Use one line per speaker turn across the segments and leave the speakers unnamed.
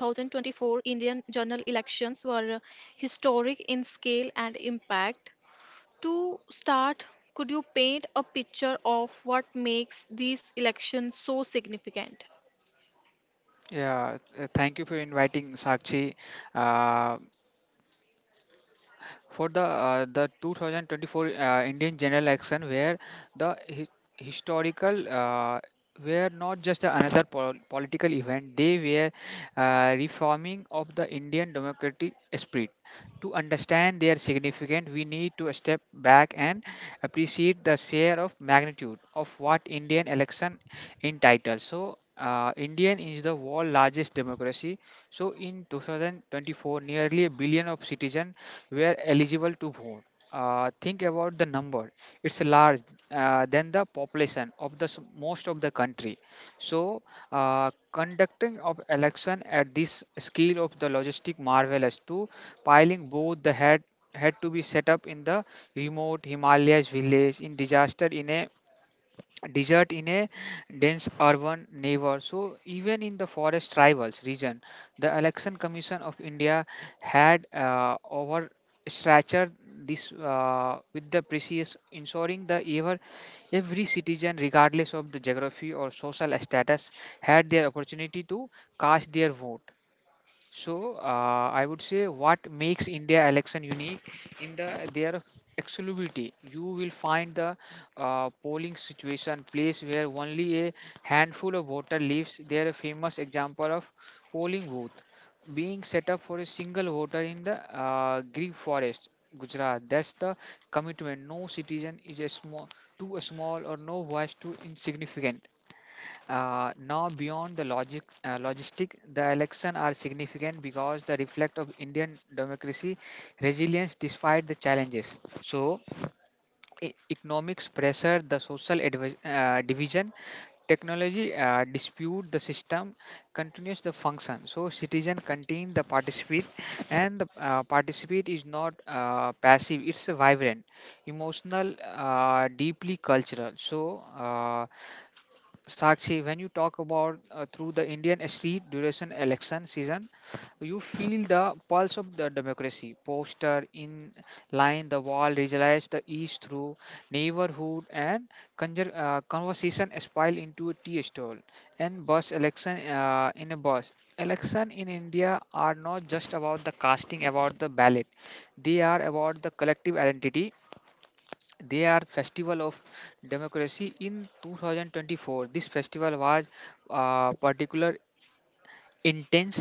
Indian general elections were historic in scale and impact. To start, could you paint a picture of what makes these elections so significant?
Yeah, Thank you for inviting Sakshi. Uh, for the 2024 Indian general election where the historical were not just another political event, they were reforming of the Indian democratic spirit. To understand their significance, we need to step back and appreciate the share of magnitude of what Indian election entitles. So Indian is the world largest democracy, so in 2024, nearly a billion of citizens were eligible to vote. Think about the number; it's large than the population of most of the country. So, conducting of election at this scale of the logistic marvelous to piling both the head had to be set up in the remote Himalayas village, in disaster, in a desert, in a dense urban neighbor. So even in the forest rivals region, the Election Commission of India had overstretched this with the precious ensuring the ever every citizen, regardless of the geography or social status, had their opportunity to cast their vote. So I would say what makes India election unique in the their exclusivity. You will find the polling situation place where only a handful of voter lives. There a famous example of polling booth being set up for a single voter in the Gir forest, Gujarat. That's the commitment. No citizen is a small, too small, or no voice too insignificant. Now beyond the logistic, the election are significant because they reflect of Indian democracy resilience despite the challenges. So, economics pressure, the social division, technology dispute the system continues the function. So, citizen continue the participate, and the participate is not passive. It's vibrant, emotional, deeply cultural. So. Sakshi, when you talk about through the Indian street duration election season, you feel the pulse of the democracy. Poster in line, the wall, realize the ease through neighborhood and conversation spill into a tea stall and bus election in a bus. Election in India are not just about the casting about the ballot; they are about the collective identity, they are festival of democracy. In 2024, this festival was particular intense,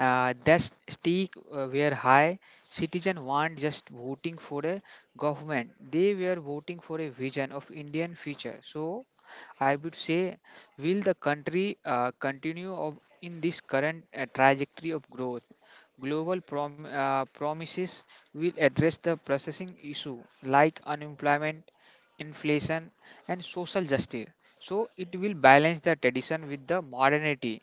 that stake were high. Citizen weren't just voting for a government, they were voting for a vision of Indian future. So I would say, will the country continue of, in this current trajectory of growth, global promises, will address the processing issue like unemployment, inflation, and social justice. So it will balance the tradition with the modernity.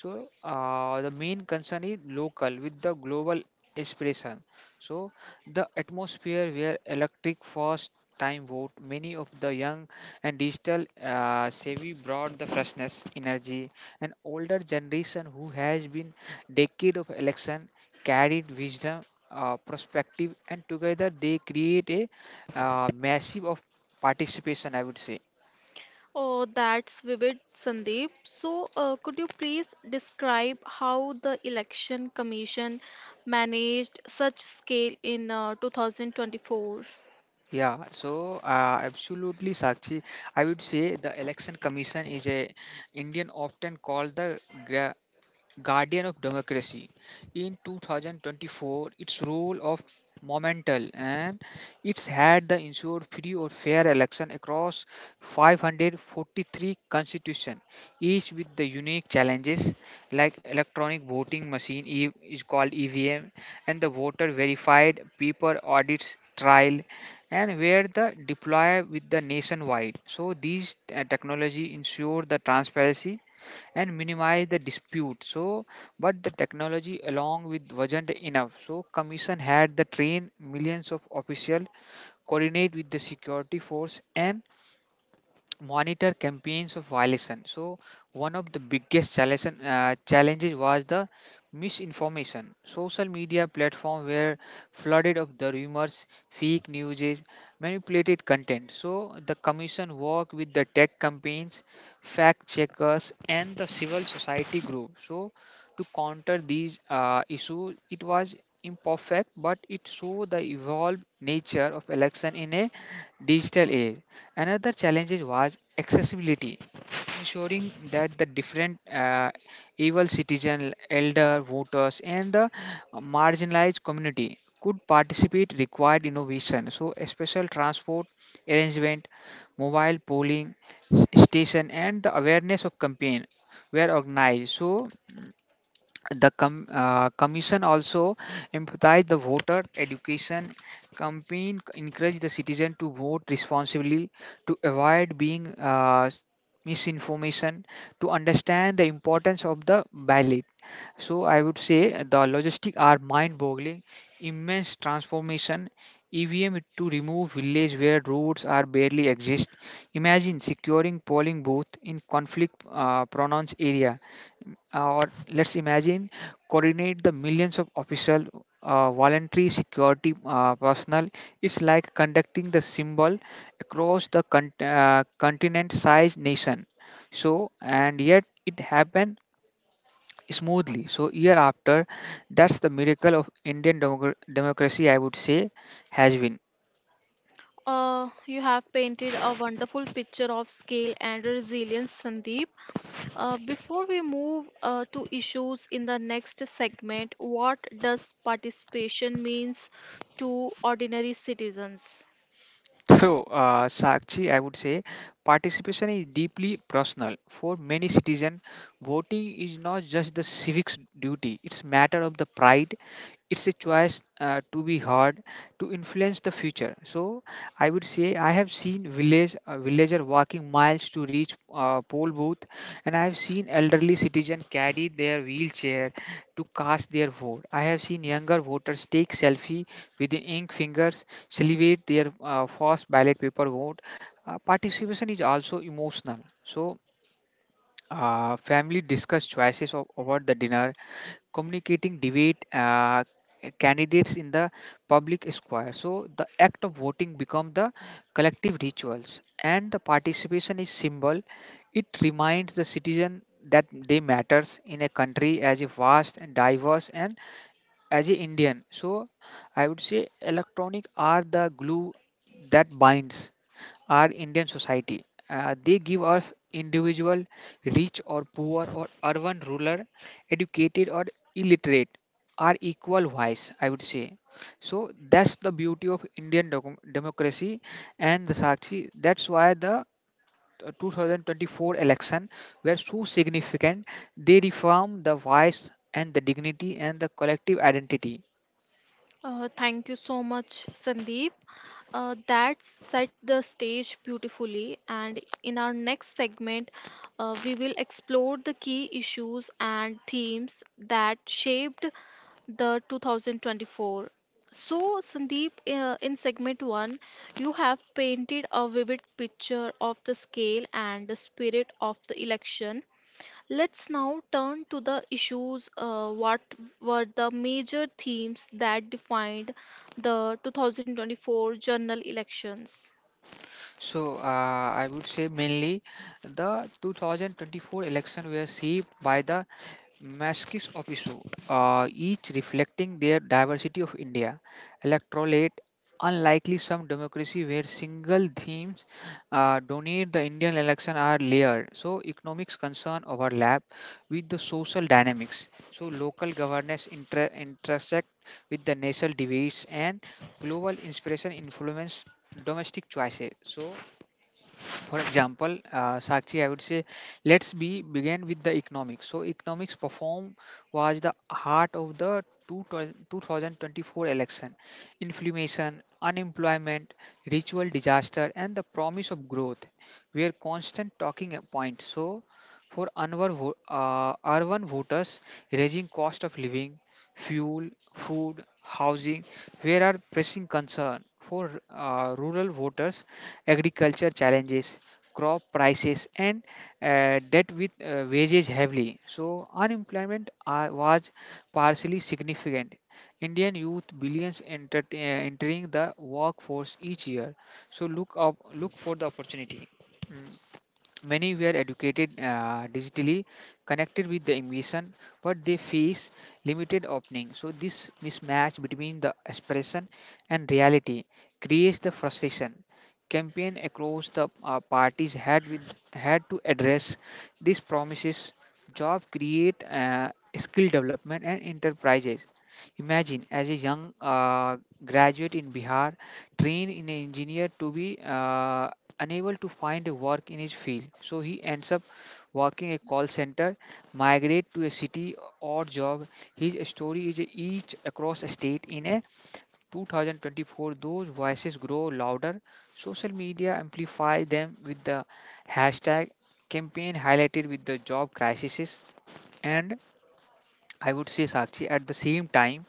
So the main concern is local with the global inspiration. So the atmosphere where electric first time vote, many of the young and digital savvy brought the freshness energy, and older generation who has been decade of election carried wisdom, perspective, and together they create a massive of participation, I would say.
Oh, that's vivid, Sandeep. So, could you please describe how the Election Commission managed such scale in 2024?
Yeah, so absolutely, Sakshi, I would say the Election Commission is a Indian, often called the guardian of democracy. In 2024, its role of momental, and it's had the ensured free or fair election across 543 constitution, each with the unique challenges, like electronic voting machine, is called EVM, and the voter verified paper audits trial, and where the deploy with the nationwide. So these technology ensure the transparency and minimize the dispute. So but the technology along with wasn't enough, so commission had the train millions of official, coordinate with the security force, and monitor campaigns of violation. So one of the biggest challenges was the misinformation. Social media platform were flooded of the rumors, fake news, manipulated content. So the commission worked with the tech campaigns, fact checkers, and the civil society group. So to counter these issues, it was imperfect, but it showed the evolved nature of election in a digital age. Another challenge was accessibility, ensuring that the different able citizen, elder voters, and the marginalized community could participate required innovation. So a special transport arrangement, mobile polling station, and the awareness of campaign were organized. So the commission also emphasized the voter education campaign, encouraged the citizen to vote responsibly, to avoid being misinformation, to understand the importance of the ballot. So I would say the logistics are mind-boggling, immense transformation. EVM to remove villages where roads are barely exist. Imagine securing polling booth in conflict ah-pronounced area, or let's imagine coordinate the millions of official, voluntary security personnel. It's like conducting the symbol across the continent sized nation. So and yet it happened smoothly, so year after. That's the miracle of Indian democracy, I would say, has been.
You have painted a wonderful picture of scale and resilience, Sandeep. Before we move to issues in the next segment, what does participation means to ordinary citizens?
So, Sakshi, I would say participation is deeply personal. For many citizens, voting is not just the civics duty; it's matter of the pride, it's a choice to be hard, to influence the future. So I would say I have seen villager walking miles to reach poll booth, and I have seen elderly citizen carry their wheelchair to cast their vote. I have seen younger voters take selfie with the ink fingers, salivate their first ballot paper vote. Participation is also emotional. So family discuss choices of, over the dinner, communicating debate candidates in the public square. So the act of voting become the collective rituals, and the participation is symbol. It reminds the citizen that they matters in a country as a vast and diverse and as a Indian. So I would say electronic are the glue that binds our Indian society. They give us individual, rich or poor, or urban, rural, educated or illiterate, are equal wise, I would say. So that's the beauty of Indian democracy, and the Sakshi, that's why the 2024 election were so significant. They reform the voice and the dignity and the collective identity.
Thank you so much, Sandeep. That set the stage beautifully. And in our next segment, we will explore the key issues and themes that shaped the 2024. So, Sandeep, in segment one, you have painted a vivid picture of the scale and the spirit of the election. Let's now turn to the issues. What were the major themes that defined the 2024 general elections?
So I would say mainly the 2024 election were shaped by the Maskis Opisu, each reflecting their diversity of India, electorate, unlikely some democracy where single themes donate the Indian election are layered. So economics concern overlap with the social dynamics. So local governance intersect with the national debates, and global inspiration influence domestic choices. So for example, Sakshi, I would say, let's be begin with the economics. So economics perform was the heart of the 2024 election. Inflammation, unemployment, ritual disaster, and the promise of growth were constant talking points. So for urban voters, raising cost of living, fuel, food, housing, were are pressing concern. For rural voters, agriculture challenges, crop prices, and debt with wages heavily. So unemployment was partially significant. Indian youth billions entering the workforce each year. So, look for the opportunity. Mm. Many were educated digitally, connected with the ambition, but they face limited opening. So this mismatch between the aspiration and reality creates the frustration. Campaign across the parties had to address these promises. Job create, skill development, and enterprises. Imagine as a young graduate in Bihar, trained in an engineer to be unable to find a work in his field. So he ends up working a call center, migrate to a city or job. His story is each across a state in a 2024. Those voices grow louder. Social media amplify them with the hashtag campaign highlighted with the job crises. And I would say, Sakshi, at the same time,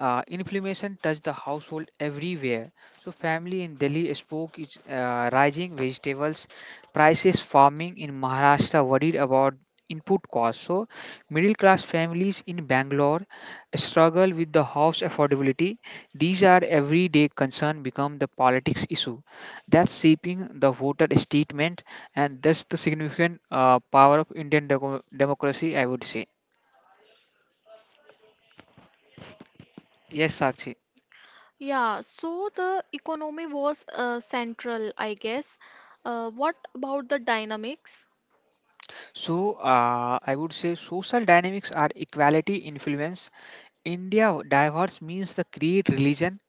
inflammation touched the household everywhere. So family in Delhi spoke is rising vegetables prices. Farming in Maharashtra worried about input costs. So middle class families in Bangalore struggle with the house affordability. These are everyday concern become the politics issue. That's shaping the voter statement, and that's the significant power of Indian democracy, I would say. Yes, Sakshi.
Yeah, so the economy was central, I guess. What about the dynamics?
So, I would say social dynamics are equality influence. India diverse means the create religion,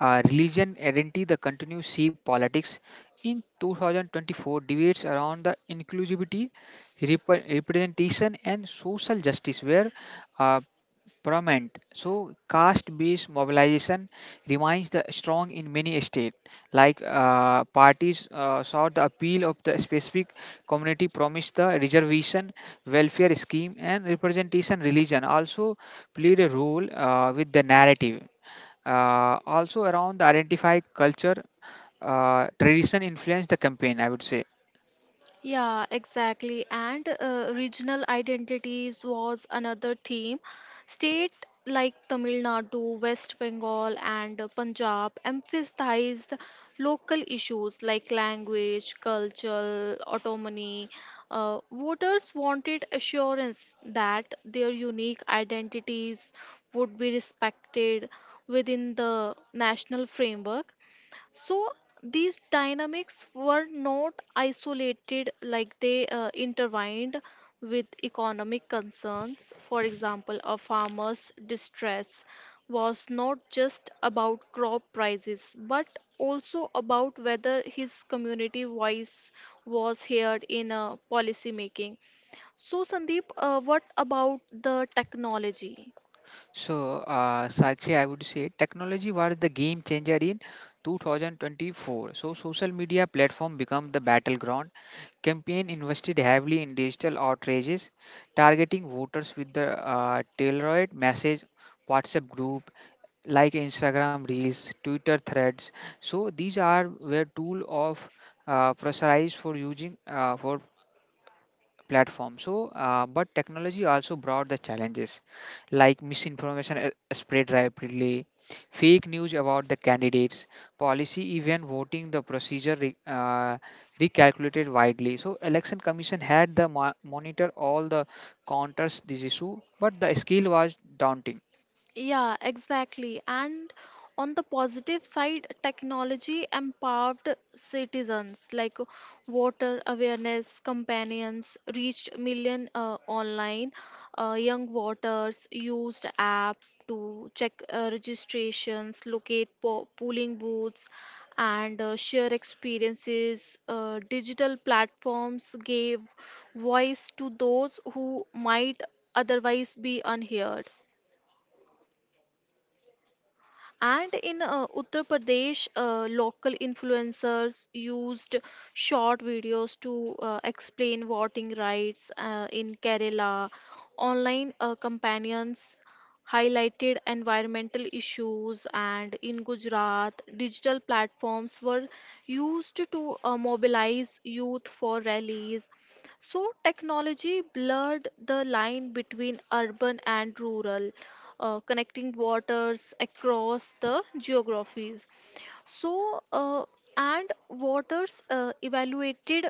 religion identity, the continuous shape politics. In 2024, debates around the inclusivity, representation, and social justice were uh, prominent. So caste based mobilization remains the strong in many states. Like parties saw the appeal of the specific community, promised the reservation, welfare scheme, and representation. Religion also played a role with the narrative. Also, around the identify culture, tradition influenced the campaign, I would say.
Yeah, exactly. And regional identities was another theme. State like Tamil Nadu, West Bengal, and Punjab emphasized local issues like language, cultural autonomy. Voters wanted assurance that their unique identities would be respected within the national framework. So these dynamics were not isolated, like they intertwined with economic concerns. For example, a farmer's distress was not just about crop prices, but also about whether his community voice was heard in policy making. So, Sandeep, what about the technology?
So, Sakshi, I would say technology was the game changer in 2024. So social media platform become the battleground. Campaign invested heavily in digital outrages, targeting voters with the tailored message, WhatsApp group, like Instagram reels, Twitter threads. So these are were tool of pressurized for using for platform. So, but technology also brought the challenges like misinformation spread rapidly, fake news about the candidates, policy, even voting, the procedure recalculated widely. So, election commission had monitor all the counters this issue, but the scale was daunting.
Yeah, exactly. And on the positive side, technology empowered citizens like voter awareness companions reached million online. Young voters used app to check registrations, locate polling booths, and share experiences. Digital platforms gave voice to those who might otherwise be unheard. And in Uttar Pradesh, local influencers used short videos to explain voting rights. In Kerala, online companions highlighted environmental issues, and in Gujarat, digital platforms were used to mobilize youth for rallies. So, technology blurred the line between urban and rural connecting waters across the geographies. So, and waters evaluated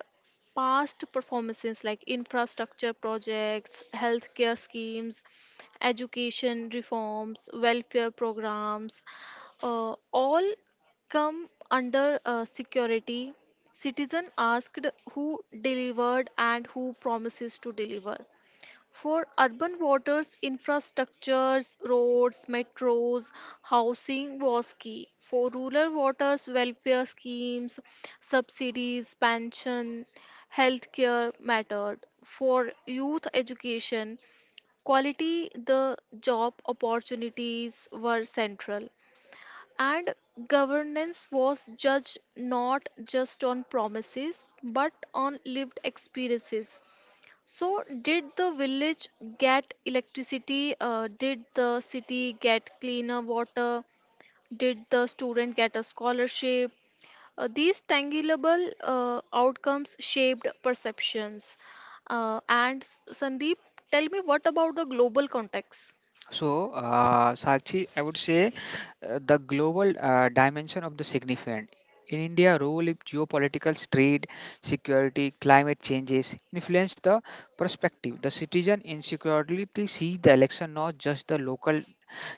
past performances like infrastructure projects, healthcare schemes, education reforms, welfare programs, all come under security. Citizen asked who delivered and who promises to deliver. For urban waters, infrastructures, roads, metros, housing was key. For rural waters, welfare schemes, subsidies, pension, healthcare mattered. For youth education, quality, the job opportunities were central. And governance was judged not just on promises but on lived experiences. So, did the village get electricity? Did the city get cleaner water? Did the student get a scholarship? These tangible outcomes shaped perceptions. And Sandeep, tell me what about the global context?
Sakshi, I would say the global dimension of the significant. In India, role of geopolitical trade, security, climate changes influence the perspective. The citizen in security see the election not just the local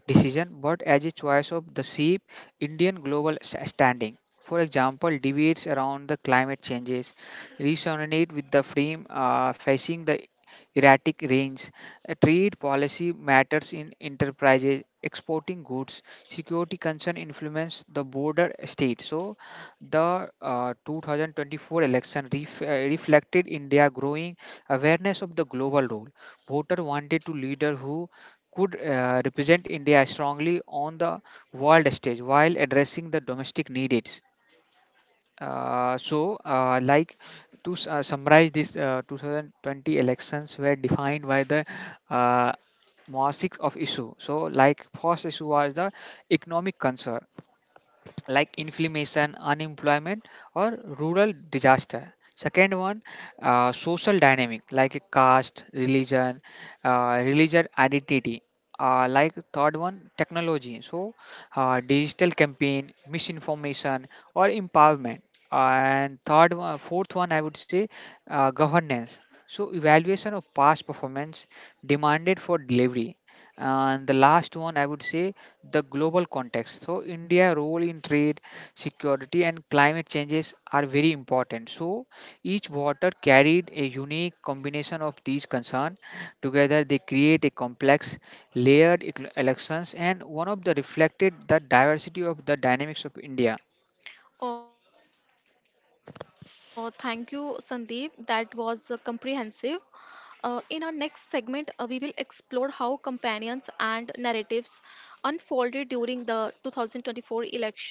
decision but as a choice of the sheep Indian global standing. For example, debates around the climate changes resonate with the frame facing the erratic range. A trade policy matters in enterprises exporting goods. Security concern influence the border state. So, the 2024 election reflected India growing awareness of the global role. Voter wanted to leader who could represent India strongly on the world stage while addressing the domestic needs. Uh, so, uh, like summarize, this 2020 elections were defined by the uh, massive of issue. So, like first issue was the economic concern, like inflammation, unemployment, or rural disaster. Second one, social dynamic like a caste, religion, religion identity. Third one, technology. So, digital campaign, misinformation, or empowerment. And fourth one, I would say governance. So, evaluation of past performance demanded for delivery. And the last one, I would say the global context. So India role in trade, security and climate changes are very important. So each water carried a unique combination of these concerns. Together they create a complex layered elections and one of the reflected the diversity of the dynamics of India.
Oh, thank you, Sandeep. That was comprehensive. In our next segment, we will explore how companions and narratives unfolded during the 2024 election.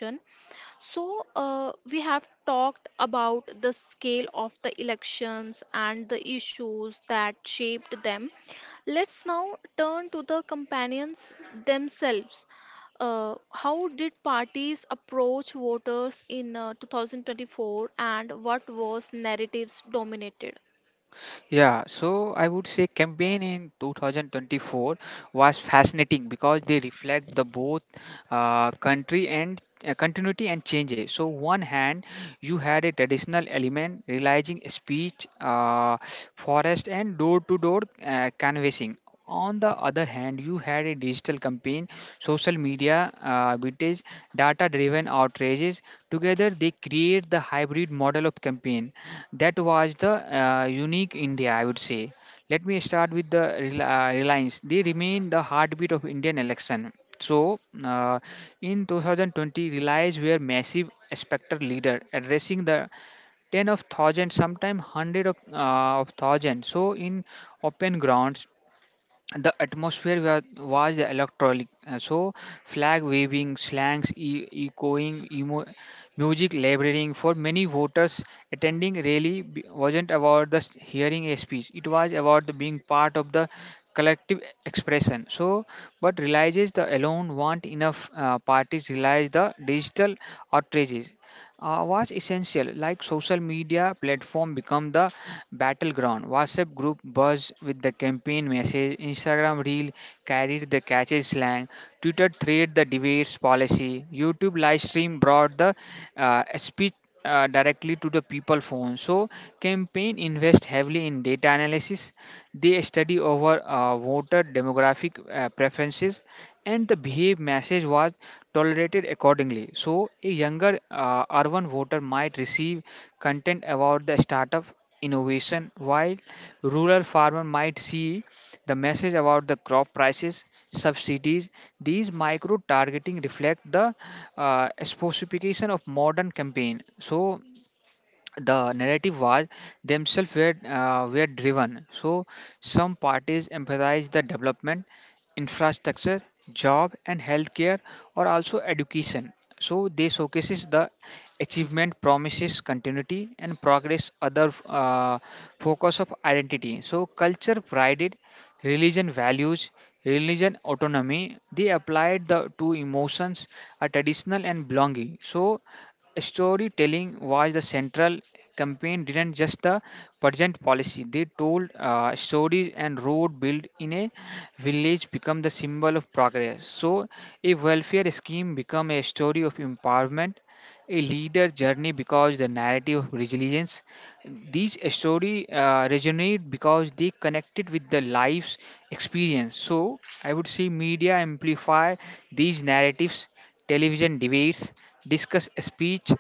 So, we have talked about the scale of the elections and the issues that shaped them. Let's now turn to the companions themselves. How did parties approach voters in 2024, and what was narratives dominated?
Yeah, so I would say campaign in 2024 was fascinating because they reflect the both country and continuity and changes. So one hand, you had a traditional element realizing speech, forest, and door-to-door canvassing. On the other hand, you had a digital campaign, social media, vintage, data-driven outrages. Together, they create the hybrid model of campaign that was the unique India, I would say. Let me start with the Reliance. They remain the heartbeat of Indian election. So, uh, in 2020, Reliance were massive spectre leader, addressing the 10 of thousand, sometimes 100 of thousand. So, in open grounds, the atmosphere was electronic. Flag waving slangs echoing music labrading for many voters attending really wasn't about hearing a speech, it was about the being part of the collective expression. So but realizes the alone want enough, parties realize the digital outrages was essential. Like social media platform become the battleground. WhatsApp group buzz with the campaign message. Instagram reel carried the catchy slang. Twitter thread the debates policy. YouTube live stream brought the speech directly to the people phone. So campaign invest heavily in data analysis, they study over voter demographic preferences and the behave message was tolerated accordingly. So, a younger urban voter might receive content about the startup innovation, while rural farmer might see the message about the crop prices, subsidies. These micro targeting reflect the specification of modern campaign. So, the narrative was themselves were driven. So some parties emphasize the development, infrastructure, job and healthcare, or also education. So they showcases the achievement, promises continuity and progress. Other focus of identity. So culture prided religion values, religion autonomy. They applied the to emotions, a traditional and belonging. So storytelling was the central campaign didn't just the present policy, they told stories. And road built in a village become the symbol of progress, so a welfare scheme become a story of empowerment, a leader journey because the narrative of resilience. These story resonate because they connected with the life's experience. So I would say media amplify these narratives. Television debates discuss speech.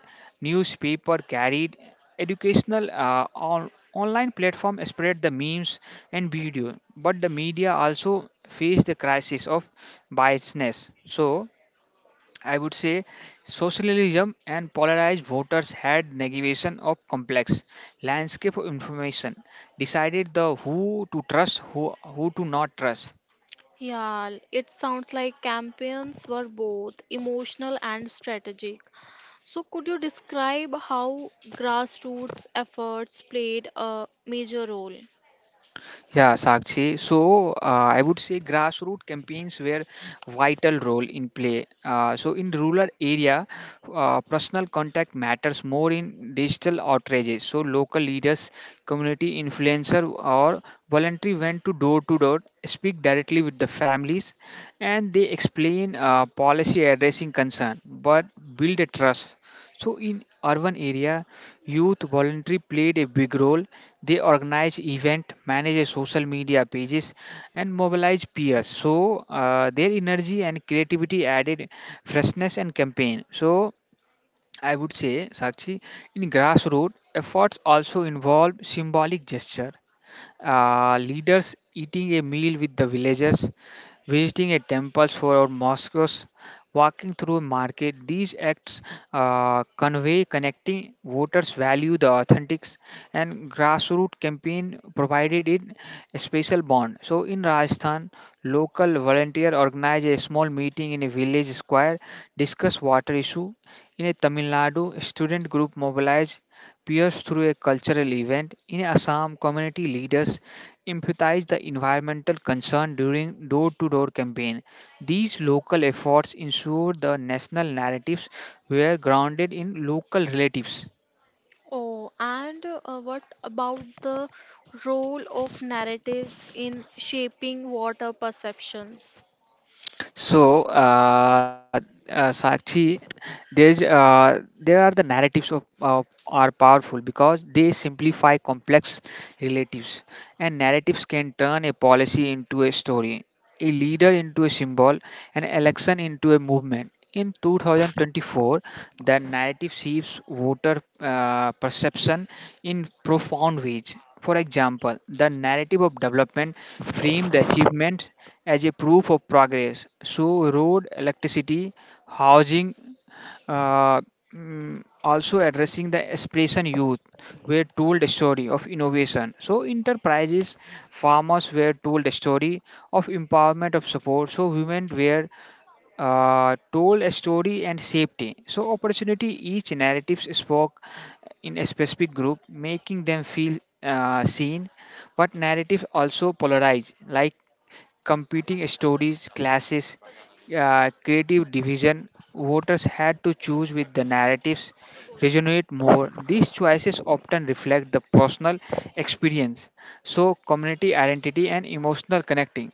Newspaper carried educational on online platform spread the memes and video. But the media also face the crisis of biasness. So I would say socialism and polarized voters had navigation of complex landscape of information, decided the who to trust, who to not trust,
Yeah, it sounds like campaigns were both emotional and strategic. So, could you describe how grassroots efforts played a major role?
Yeah, Sakshi. So I would say grassroots campaigns were vital role in play. In rural area, personal contact matters more in digital outrages. So local leaders, community influencer, or voluntary went to door, speak directly with the families, and they explain policy addressing concern, but build a trust. So in urban area, youth voluntary played a big role, they organize event, manage social media pages and mobilize peers. So their energy and creativity added freshness and campaign. So I would say, Sakshi, in grassroots efforts also involve symbolic gesture, leaders eating a meal with the villagers, visiting a temples for mosques, walking through a market. These acts convey connecting voters value the authentics, and grassroots campaign provided it a special bond. So in Rajasthan, local volunteer organize a small meeting in a village square, discuss water issue. In a Tamil Nadu, student group mobilize pierced through a cultural event. In Assam, community leaders emphasized the environmental concern during door-to-door campaign. These local efforts ensure the national narratives were grounded in local relatives.
Oh, and what about the role of narratives in shaping water perceptions?
So, uh, Sakshi, there are the narratives of are powerful because they simplify complex relatives, and narratives can turn a policy into a story, a leader into a symbol, an election into a movement. In 2024, the narrative shapes voter perception in profound ways. For example, the narrative of development framed the achievement as a proof of progress. So, road, electricity, housing, uh, also addressing the aspiration youth were told a story of innovation, so enterprises farmers were told a story of empowerment of support, so women were told a story and safety so opportunity. Each narratives spoke in a specific group making them feel seen, but narratives also polarize like competing stories, classes, creative division, voters had to choose with the narratives resonate more. These choices often reflect the personal experience, so community identity and emotional connecting.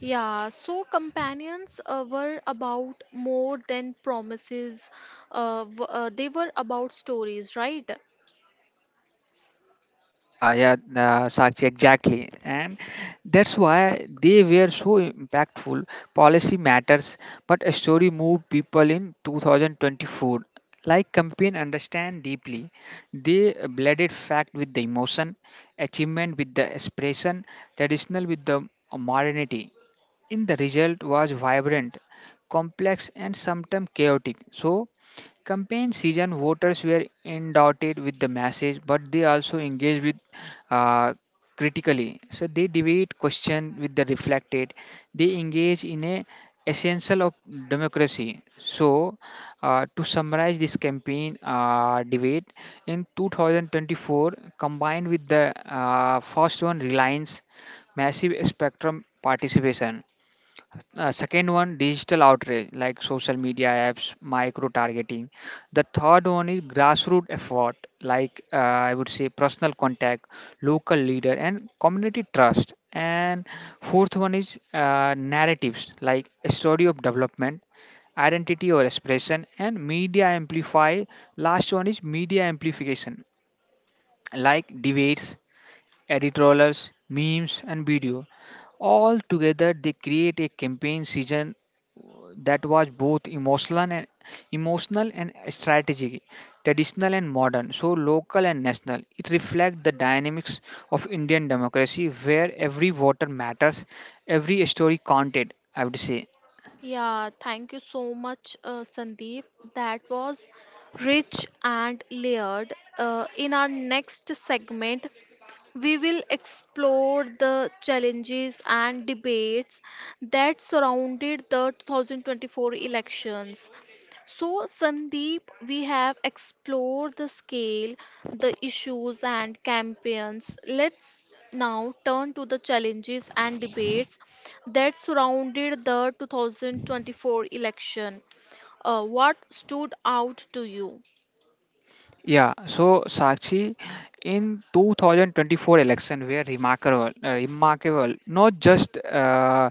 Yeah, so companions were about more than promises. They were about stories, right?
Yeah, Sakshi, exactly. And that's why they were so impactful. Policy matters, but a story moved people in 2024. Like campaign understand deeply. They blended fact with the emotion, achievement with the expression, traditional with the modernity in the result was vibrant, complex, and sometimes chaotic. So, campaign season voters were endowed with the message, but they also engaged with uh, critically. So they debate, question with the reflected. They engage in a essential of democracy. So, to summarize this campaign debate in 2024, combined with the first one reliance massive spectrum participation, second one, digital outrage like social media apps, micro targeting. The third one is grassroots effort, like I would say personal contact, local leader, and community trust. And fourth one is narratives, like story of development, identity or expression, and media amplify. Last one is media amplification, like debates, editorials, memes, and video. All together, they create a campaign season that was both emotional and strategic, traditional and modern, so local and national. It reflects the dynamics of Indian democracy, where every voter matters, every story counted, I would say.
Yeah, thank you so much, Sandeep. That was rich and layered. In our next segment, we will explore the challenges and debates that surrounded the 2024 elections. So, Sandeep, we have explored the scale, the issues, and campaigns. Let's now turn to the challenges and debates that surrounded the 2024 election. What stood out to you?
Yeah, so Sakshi, in 2024 election were remarkable, not just uh,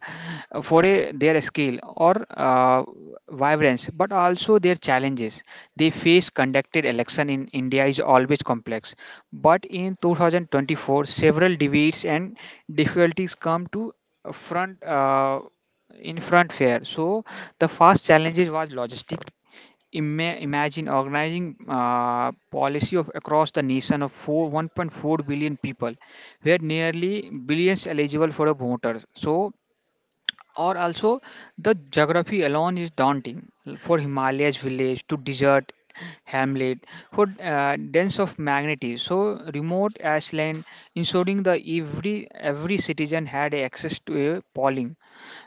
for a, their skill or vibrance, but also their challenges. They face conducted election in India is always complex, but in 2024 several debates and difficulties come to front. In front fair, so the first challenges was logistic. Imagine organizing policy of across the nation of 1.4 billion people where nearly billions eligible for a voter. So or also the geography alone is daunting for himalayas village to desert hamlet for dense of magnitude, so remote as land ensuring the every citizen had access to a polling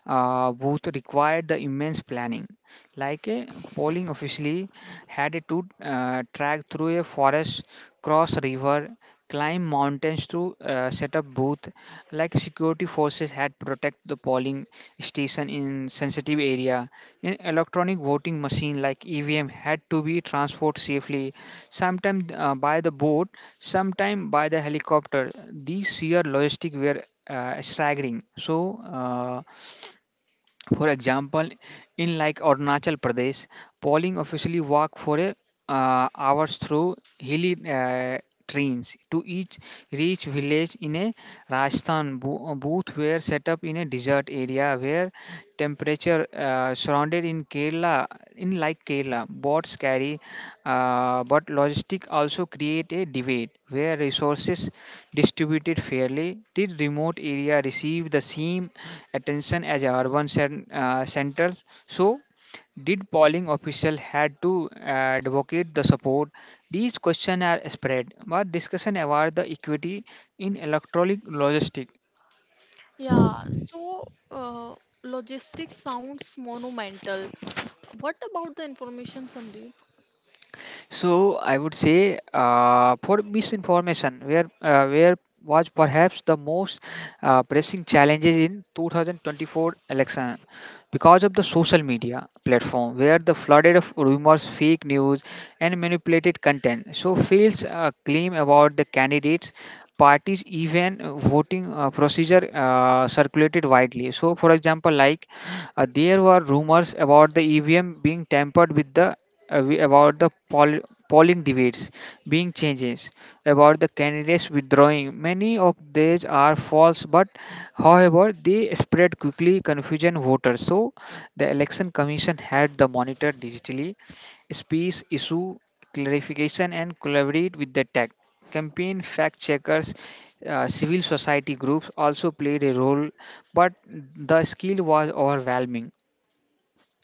booth required the immense planning. Like a polling officially had to track through a forest, cross river, climb mountains to set up booth. Like security forces had protect the polling station in sensitive area. In electronic voting machine like EVM had to be transported safely, sometime by the boat, sometime by the helicopter. These sheer logistic were staggering. So. For example, in like Arunachal Pradesh, polling officially walk for a, hours through hilly trains to each reach village. In a Rajasthan booth were set up in a desert area where temperature surrounded. In Kerala, in like Kerala bots carry but logistic also create a debate, where resources distributed fairly? Did remote area receive the same attention as urban centers? So, did polling official had to advocate the support? These questions are spread. But discussion about the equity in electronic logistics.
Yeah, so uh, logistics sounds monumental. What about the information, Sandeep?
So I would say for misinformation, where was perhaps the most pressing challenges in 2024 election because of the social media platform where the flooded of rumors fake news and manipulated content so fails claim about the candidates parties even voting procedure circulated widely. So for example like there were rumors about the evm being tampered with the about the polling debates being changes, about the candidates withdrawing. Many of these are false, but however, they spread quickly, confusion voters. So, the election commission had the monitor digitally space issue clarification and collaborate with the tech campaign fact checkers civil society groups also played a role, but the skill was overwhelming,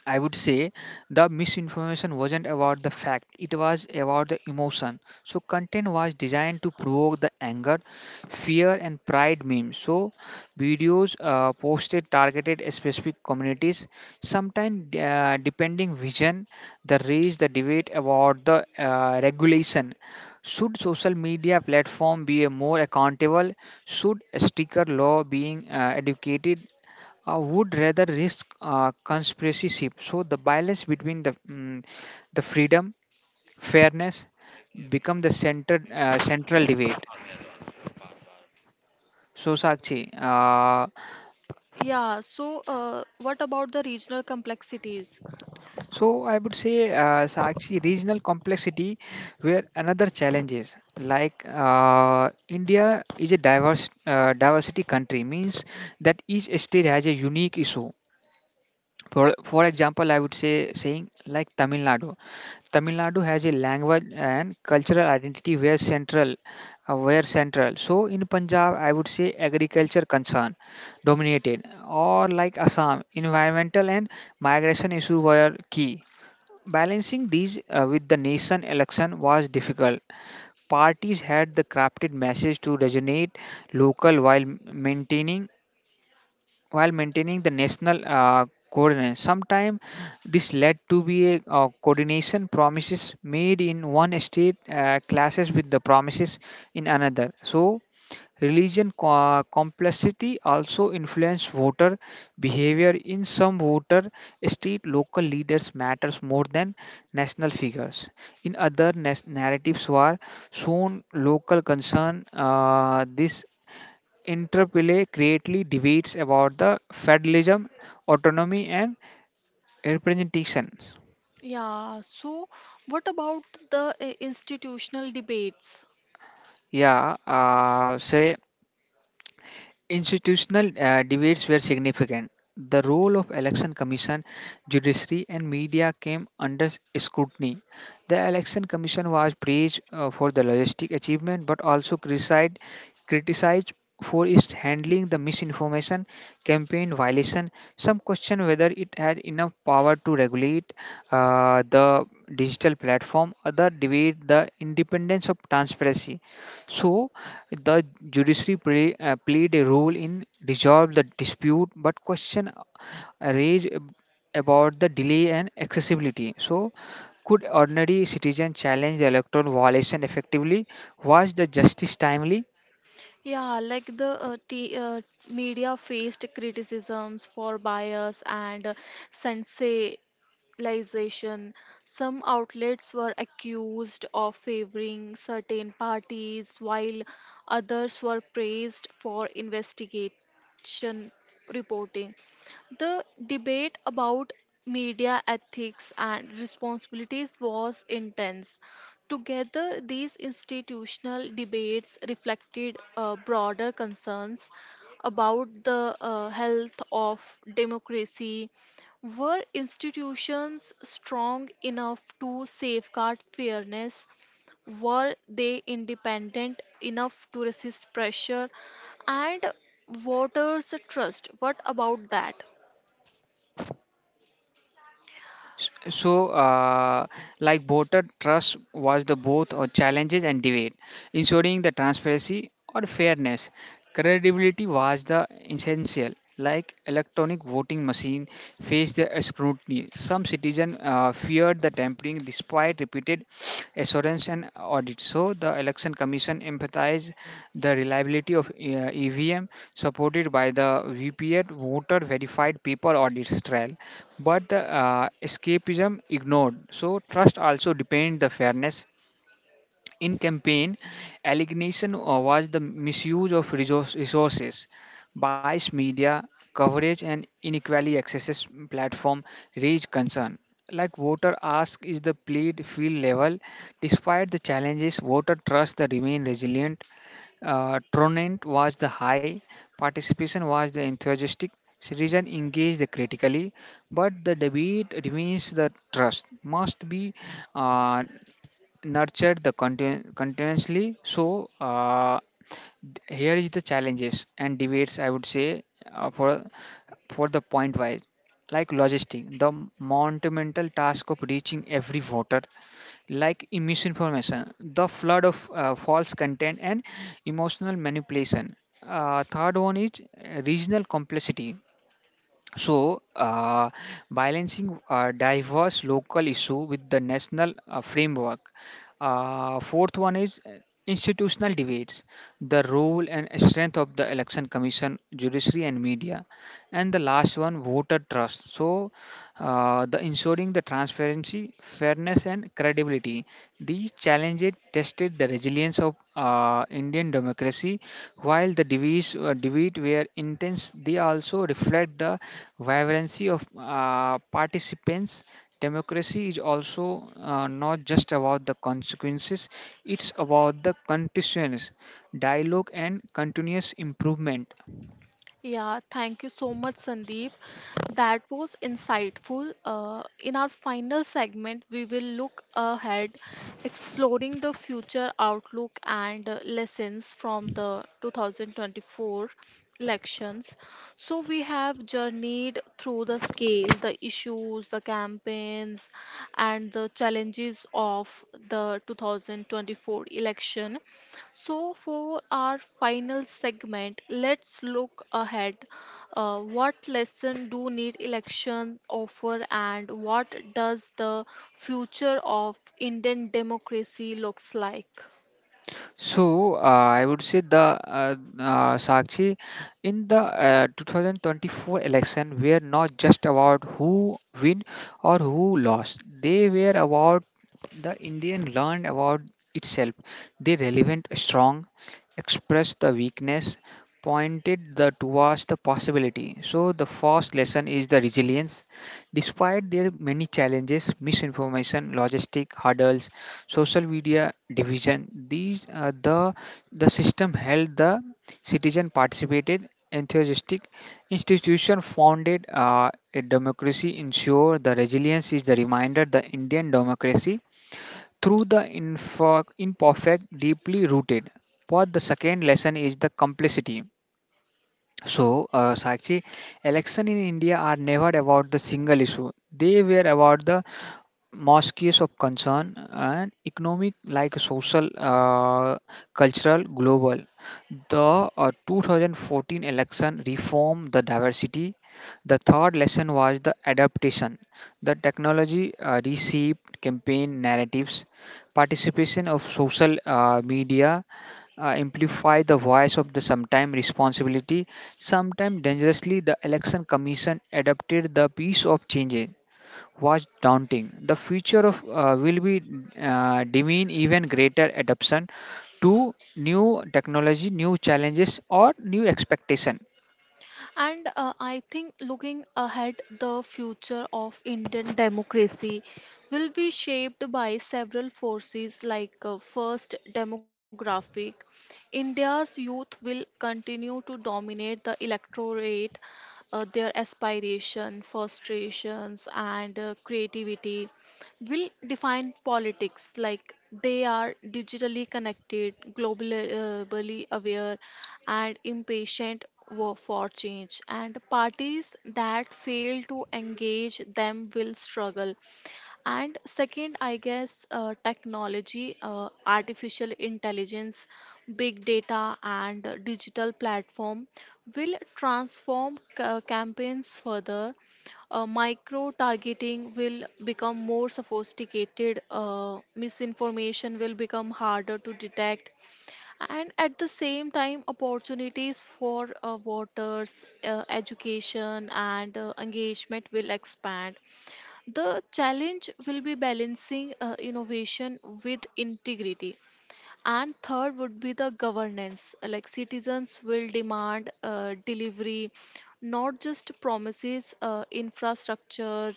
I would say. The misinformation wasn't about the fact, it was about the emotion. So, content was designed to provoke the anger, fear, and pride memes. So, videos posted targeted at specific communities, sometimes depending vision, the raise the debate about the regulation. Should social media platform be a more accountable? Should sticker law being educated would rather risk conspiracyship. So the balance between the the freedom, fairness become the center central debate. So Sakshi,
Yeah, so what about the regional complexities?
so I would say Sakshi regional complexity, where another challenge is like India is a diverse diversity country means that each state has a unique issue. For example, I would say saying like Tamil Nadu. Tamil Nadu has a language and cultural identity where central, So in Punjab, I would say agriculture concern dominated, or like Assam, environmental and migration issue were key. Balancing these with the nation election was difficult. Parties had the crafted message to resonate local while maintaining the national coordination. Sometimes this led to be a coordination promises made in one state clashes with the promises in another. So complexity also influenced voter behavior. In some voter state, local leaders matters more than national figures. In other narratives were shown local concern. This interplay greatly debates about the federalism, autonomy, and representation.
Yeah, so what about the institutional debates?
Yeah, say institutional debates were significant. The role of election commission, judiciary and media came under scrutiny. The election commission was praised for the logistic achievement but also criticized for its handling the misinformation campaign violation. Some question whether it had enough power to regulate the digital platform. Other debate the independence of transparency. So the played a role in resolve the dispute, but arose ab- about the delay and accessibility. So, could ordinary citizen challenge the electoral violation effectively? Was the justice timely?
Yeah, like the t media faced criticisms for bias and sensa radicalization. Some outlets were accused of favoring certain parties, while others were praised for investigation reporting. The debate about media ethics and responsibilities was intense. Together, these institutional debates reflected broader concerns about the health of democracy, were institutions strong enough to safeguard fairness? Were they independent enough to resist pressure? And voters' trust, what about that?
S- So, uh, like voter trust was the both challenges and debate, ensuring the transparency or fairness. Credibility was the essential. Like electronic voting machine faced the scrutiny. Some citizens feared the tampering despite repeated assurance and audits. So the election commission emphasized the reliability of EVM supported by the VPA voter verified paper audits trial. But the escapism ignored. So trust also depend the fairness in campaign, allegation was the misuse of resources, biased media coverage, and inequally accesses platform raised concern. Like voter ask is the played field level. Despite the challenges, voter trust the remain resilient. Tronent was the high, participation was the enthusiastic. Citizen engaged the critically, but the debate remains the trust must be uh, nurtured the continuously. So here is the challenges and debates, I would say, for the point wise, like logistic the monumental task of reaching every voter, like misinformation the flood of false content and emotional manipulation, third one is regional complexity, so, balancing diverse local issue with the national framework. Fourth one is institutional debates, the role and strength of the election commission, judiciary, and media. And the last one, voter trust. So, the ensuring the transparency, fairness, and credibility. These challenges tested the resilience of Indian democracy. While the debates, debate were intense, they also reflect the vibrancy of participants. Democracy is also not just about the consequences, it's about the continuous dialogue, and continuous improvement.
Yeah, thank you so much, Sandeep. That was insightful. In our final segment, we will look ahead, exploring the future outlook and lessons from the 2024 elections. So, we have journeyed through the scale, the issues, the campaigns, and the challenges of the 2024 election. So, for our final segment, let's look ahead. What lesson do need election offer, and what does the future of Indian democracy looks like?
So I would say the Sakshi in the 2024 election were not just about who win or who lost. They were about the Indian learned about itself. They relevant strong, expressed the weakness, pointed the towards the possibility. So the first lesson is the resilience. Despite their many challenges, misinformation, logistic hurdles, social media division, these the system held the citizen participated enthusiastic institution founded a democracy ensure the resilience is the reminder the indian democracy through the imperfect deeply rooted, but the second lesson is the complexity. So, Sakshi, election in India are never about the single issue. They were about the mosques of concern and economic, like social, cultural, global. The 2014 election reformed the diversity. The third lesson was the adaptation. The technology reshaped campaign narratives. Participation of social media amplify the voice of the sometime responsibility, sometime dangerously, the election commission adopted the piece of changes was daunting. The future of will be demean even greater adoption to new technology, new challenges, or new expectation.
And I think looking ahead, the future of Indian democracy will be shaped by several forces, like first, demographic. India's youth will continue to dominate the electorate, their aspiration, frustrations, and creativity will define politics, like they are digitally connected, globally aware, and impatient for change. And parties that fail to engage them will struggle. And second, I guess technology, artificial intelligence, big data, and digital platform will transform campaigns further. Micro targeting will become more sophisticated, misinformation will become harder to detect, and at the same time, opportunities for voters, education, and engagement will expand. The challenge will be balancing innovation with integrity. And third would be the governance. Like, citizens will demand delivery, not just promises. Infrastructure,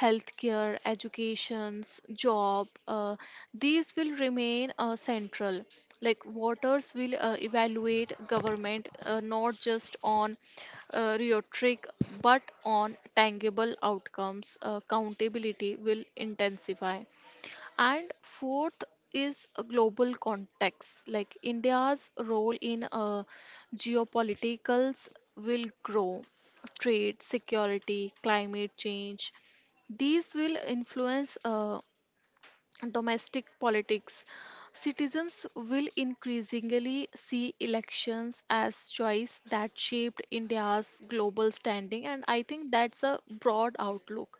healthcare, educations, job, these will remain central. Like, voters will evaluate government, not just on rhetoric but on tangible outcomes. Accountability will intensify. And fourth is a global context. Like India's role in geopoliticals will grow. Trade, security, climate change, these will influence domestic politics. Citizens will increasingly see elections as choice that shaped India's global standing, and I think that's a broad outlook.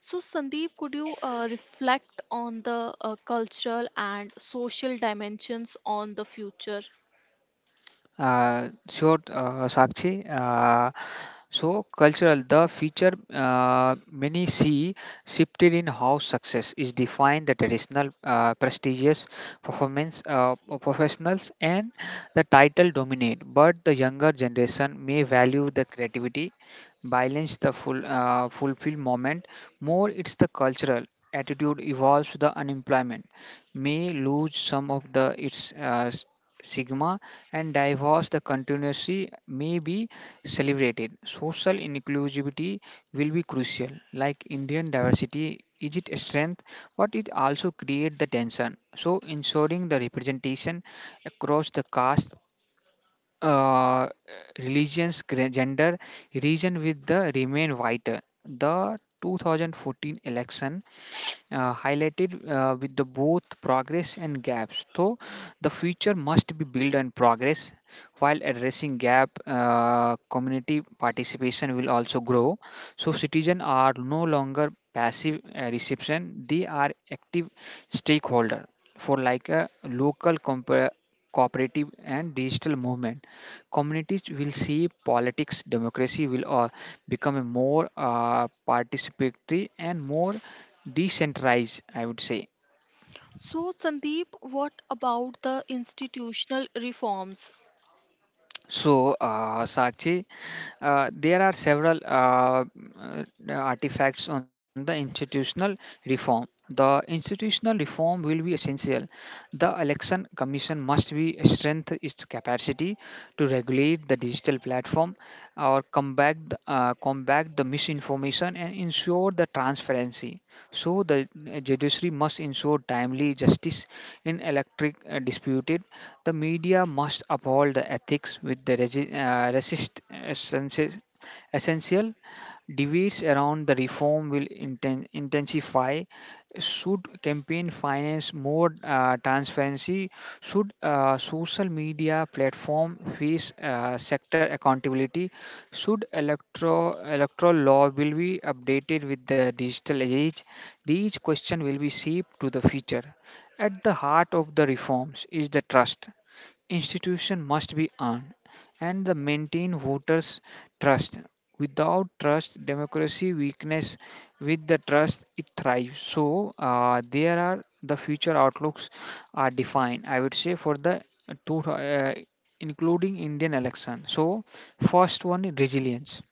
So, Sandeep, could you reflect on the cultural and social dimensions on the future?
Sure, Sakshi. So, cultural, the feature many see shifted in how success is defined the traditional prestigious performance professionals and the title dominate, but the younger generation may value the creativity, balance the full fulfill moment more. It's the cultural attitude evolves with the unemployment may lose some of the its sigma and divorce the continuity may be celebrated. Social inclusivity will be crucial, like indian diversity is it a strength, but it also create the tension. So ensuring the representation across the caste, uh, religions, gender, region with the remain white. The 2014 election highlighted with the both progress and gaps. So the future must be built on progress while addressing gap. Community participation will also grow. So citizens are no longer passive reception; they are active stakeholder for like a cooperative and digital movement communities will see politics, democracy will become a more participatory and more decentralized, I would say.
So, Sandeep, what about the institutional reforms?
So, Sachi, there are several artifacts on the institutional reform. The institutional reform will be essential. The election commission must be strengthen its capacity to regulate the digital platform, or combat the misinformation and ensure the transparency. So, the eh, judiciary must ensure timely justice in electric disputed. The media must uphold the ethics with the essential debates around the reform will intensify. Should campaign finance more transparency? Should social media platform face sector accountability? Should electro electoral law will be updated with the digital age? These questions will be shaped to the future. At the heart of the reforms is the trust. Institution must be earned and the maintain voters' trust. Without trust, democracy weakness. With the trust, it thrives. So there are the future outlooks are defined, I would say, for the two, including Indian election. So first one is resilience,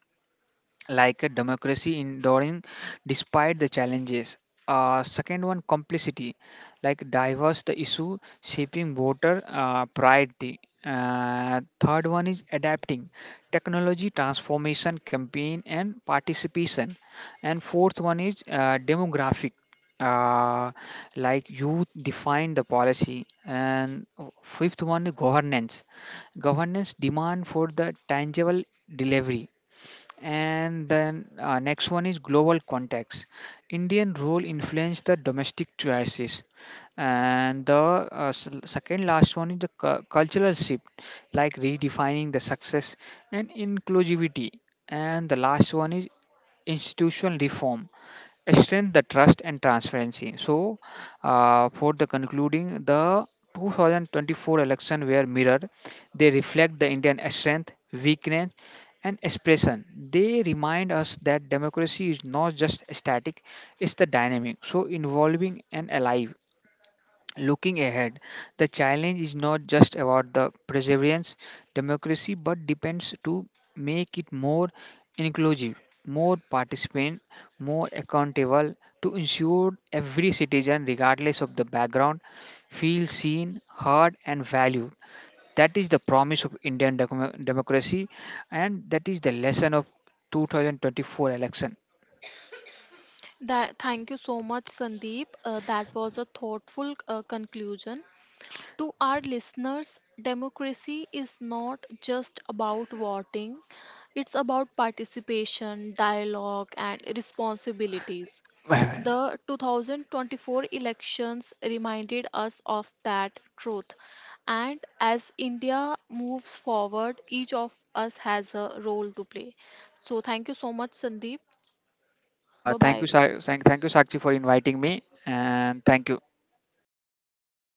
like a democracy enduring despite the challenges. Second one, complicity, like diverse the issue, shaping voter priority. Third one is adapting, technology transformation campaign and participation. And fourth one is demographic, uh, like youth define the policy. And fifth one is governance, governance demand for the tangible delivery, and then next one is global context. Indian rule influenced the domestic choices. And the second last one is the cultural shift, like redefining the success and inclusivity. And the last one is institutional reform, strengthen the trust and transparency. So, for the concluding, the 2024 election were mirrored. They reflect the Indian strength, weakness, and expression. They remind us that democracy is not just static; it's the dynamic, so involving and alive. Looking ahead, the challenge is not just about the perseverance democracy but depends to make it more inclusive, more participant, more accountable to ensure every citizen regardless of the background feels seen, heard and valued. That is the promise of Indian democracy, and that is the lesson of 2024 election.
That, thank you so much, Sandeep. That was a thoughtful conclusion. To our listeners, democracy is not just about voting, it's about participation, dialogue, and responsibilities. The 2024 elections reminded us of that truth. And as India moves forward, each of us has a role to play. So, thank you so much, Sandeep. Bye
Thank you,
bye.
thank you, Sakshi, for inviting me, and thank you.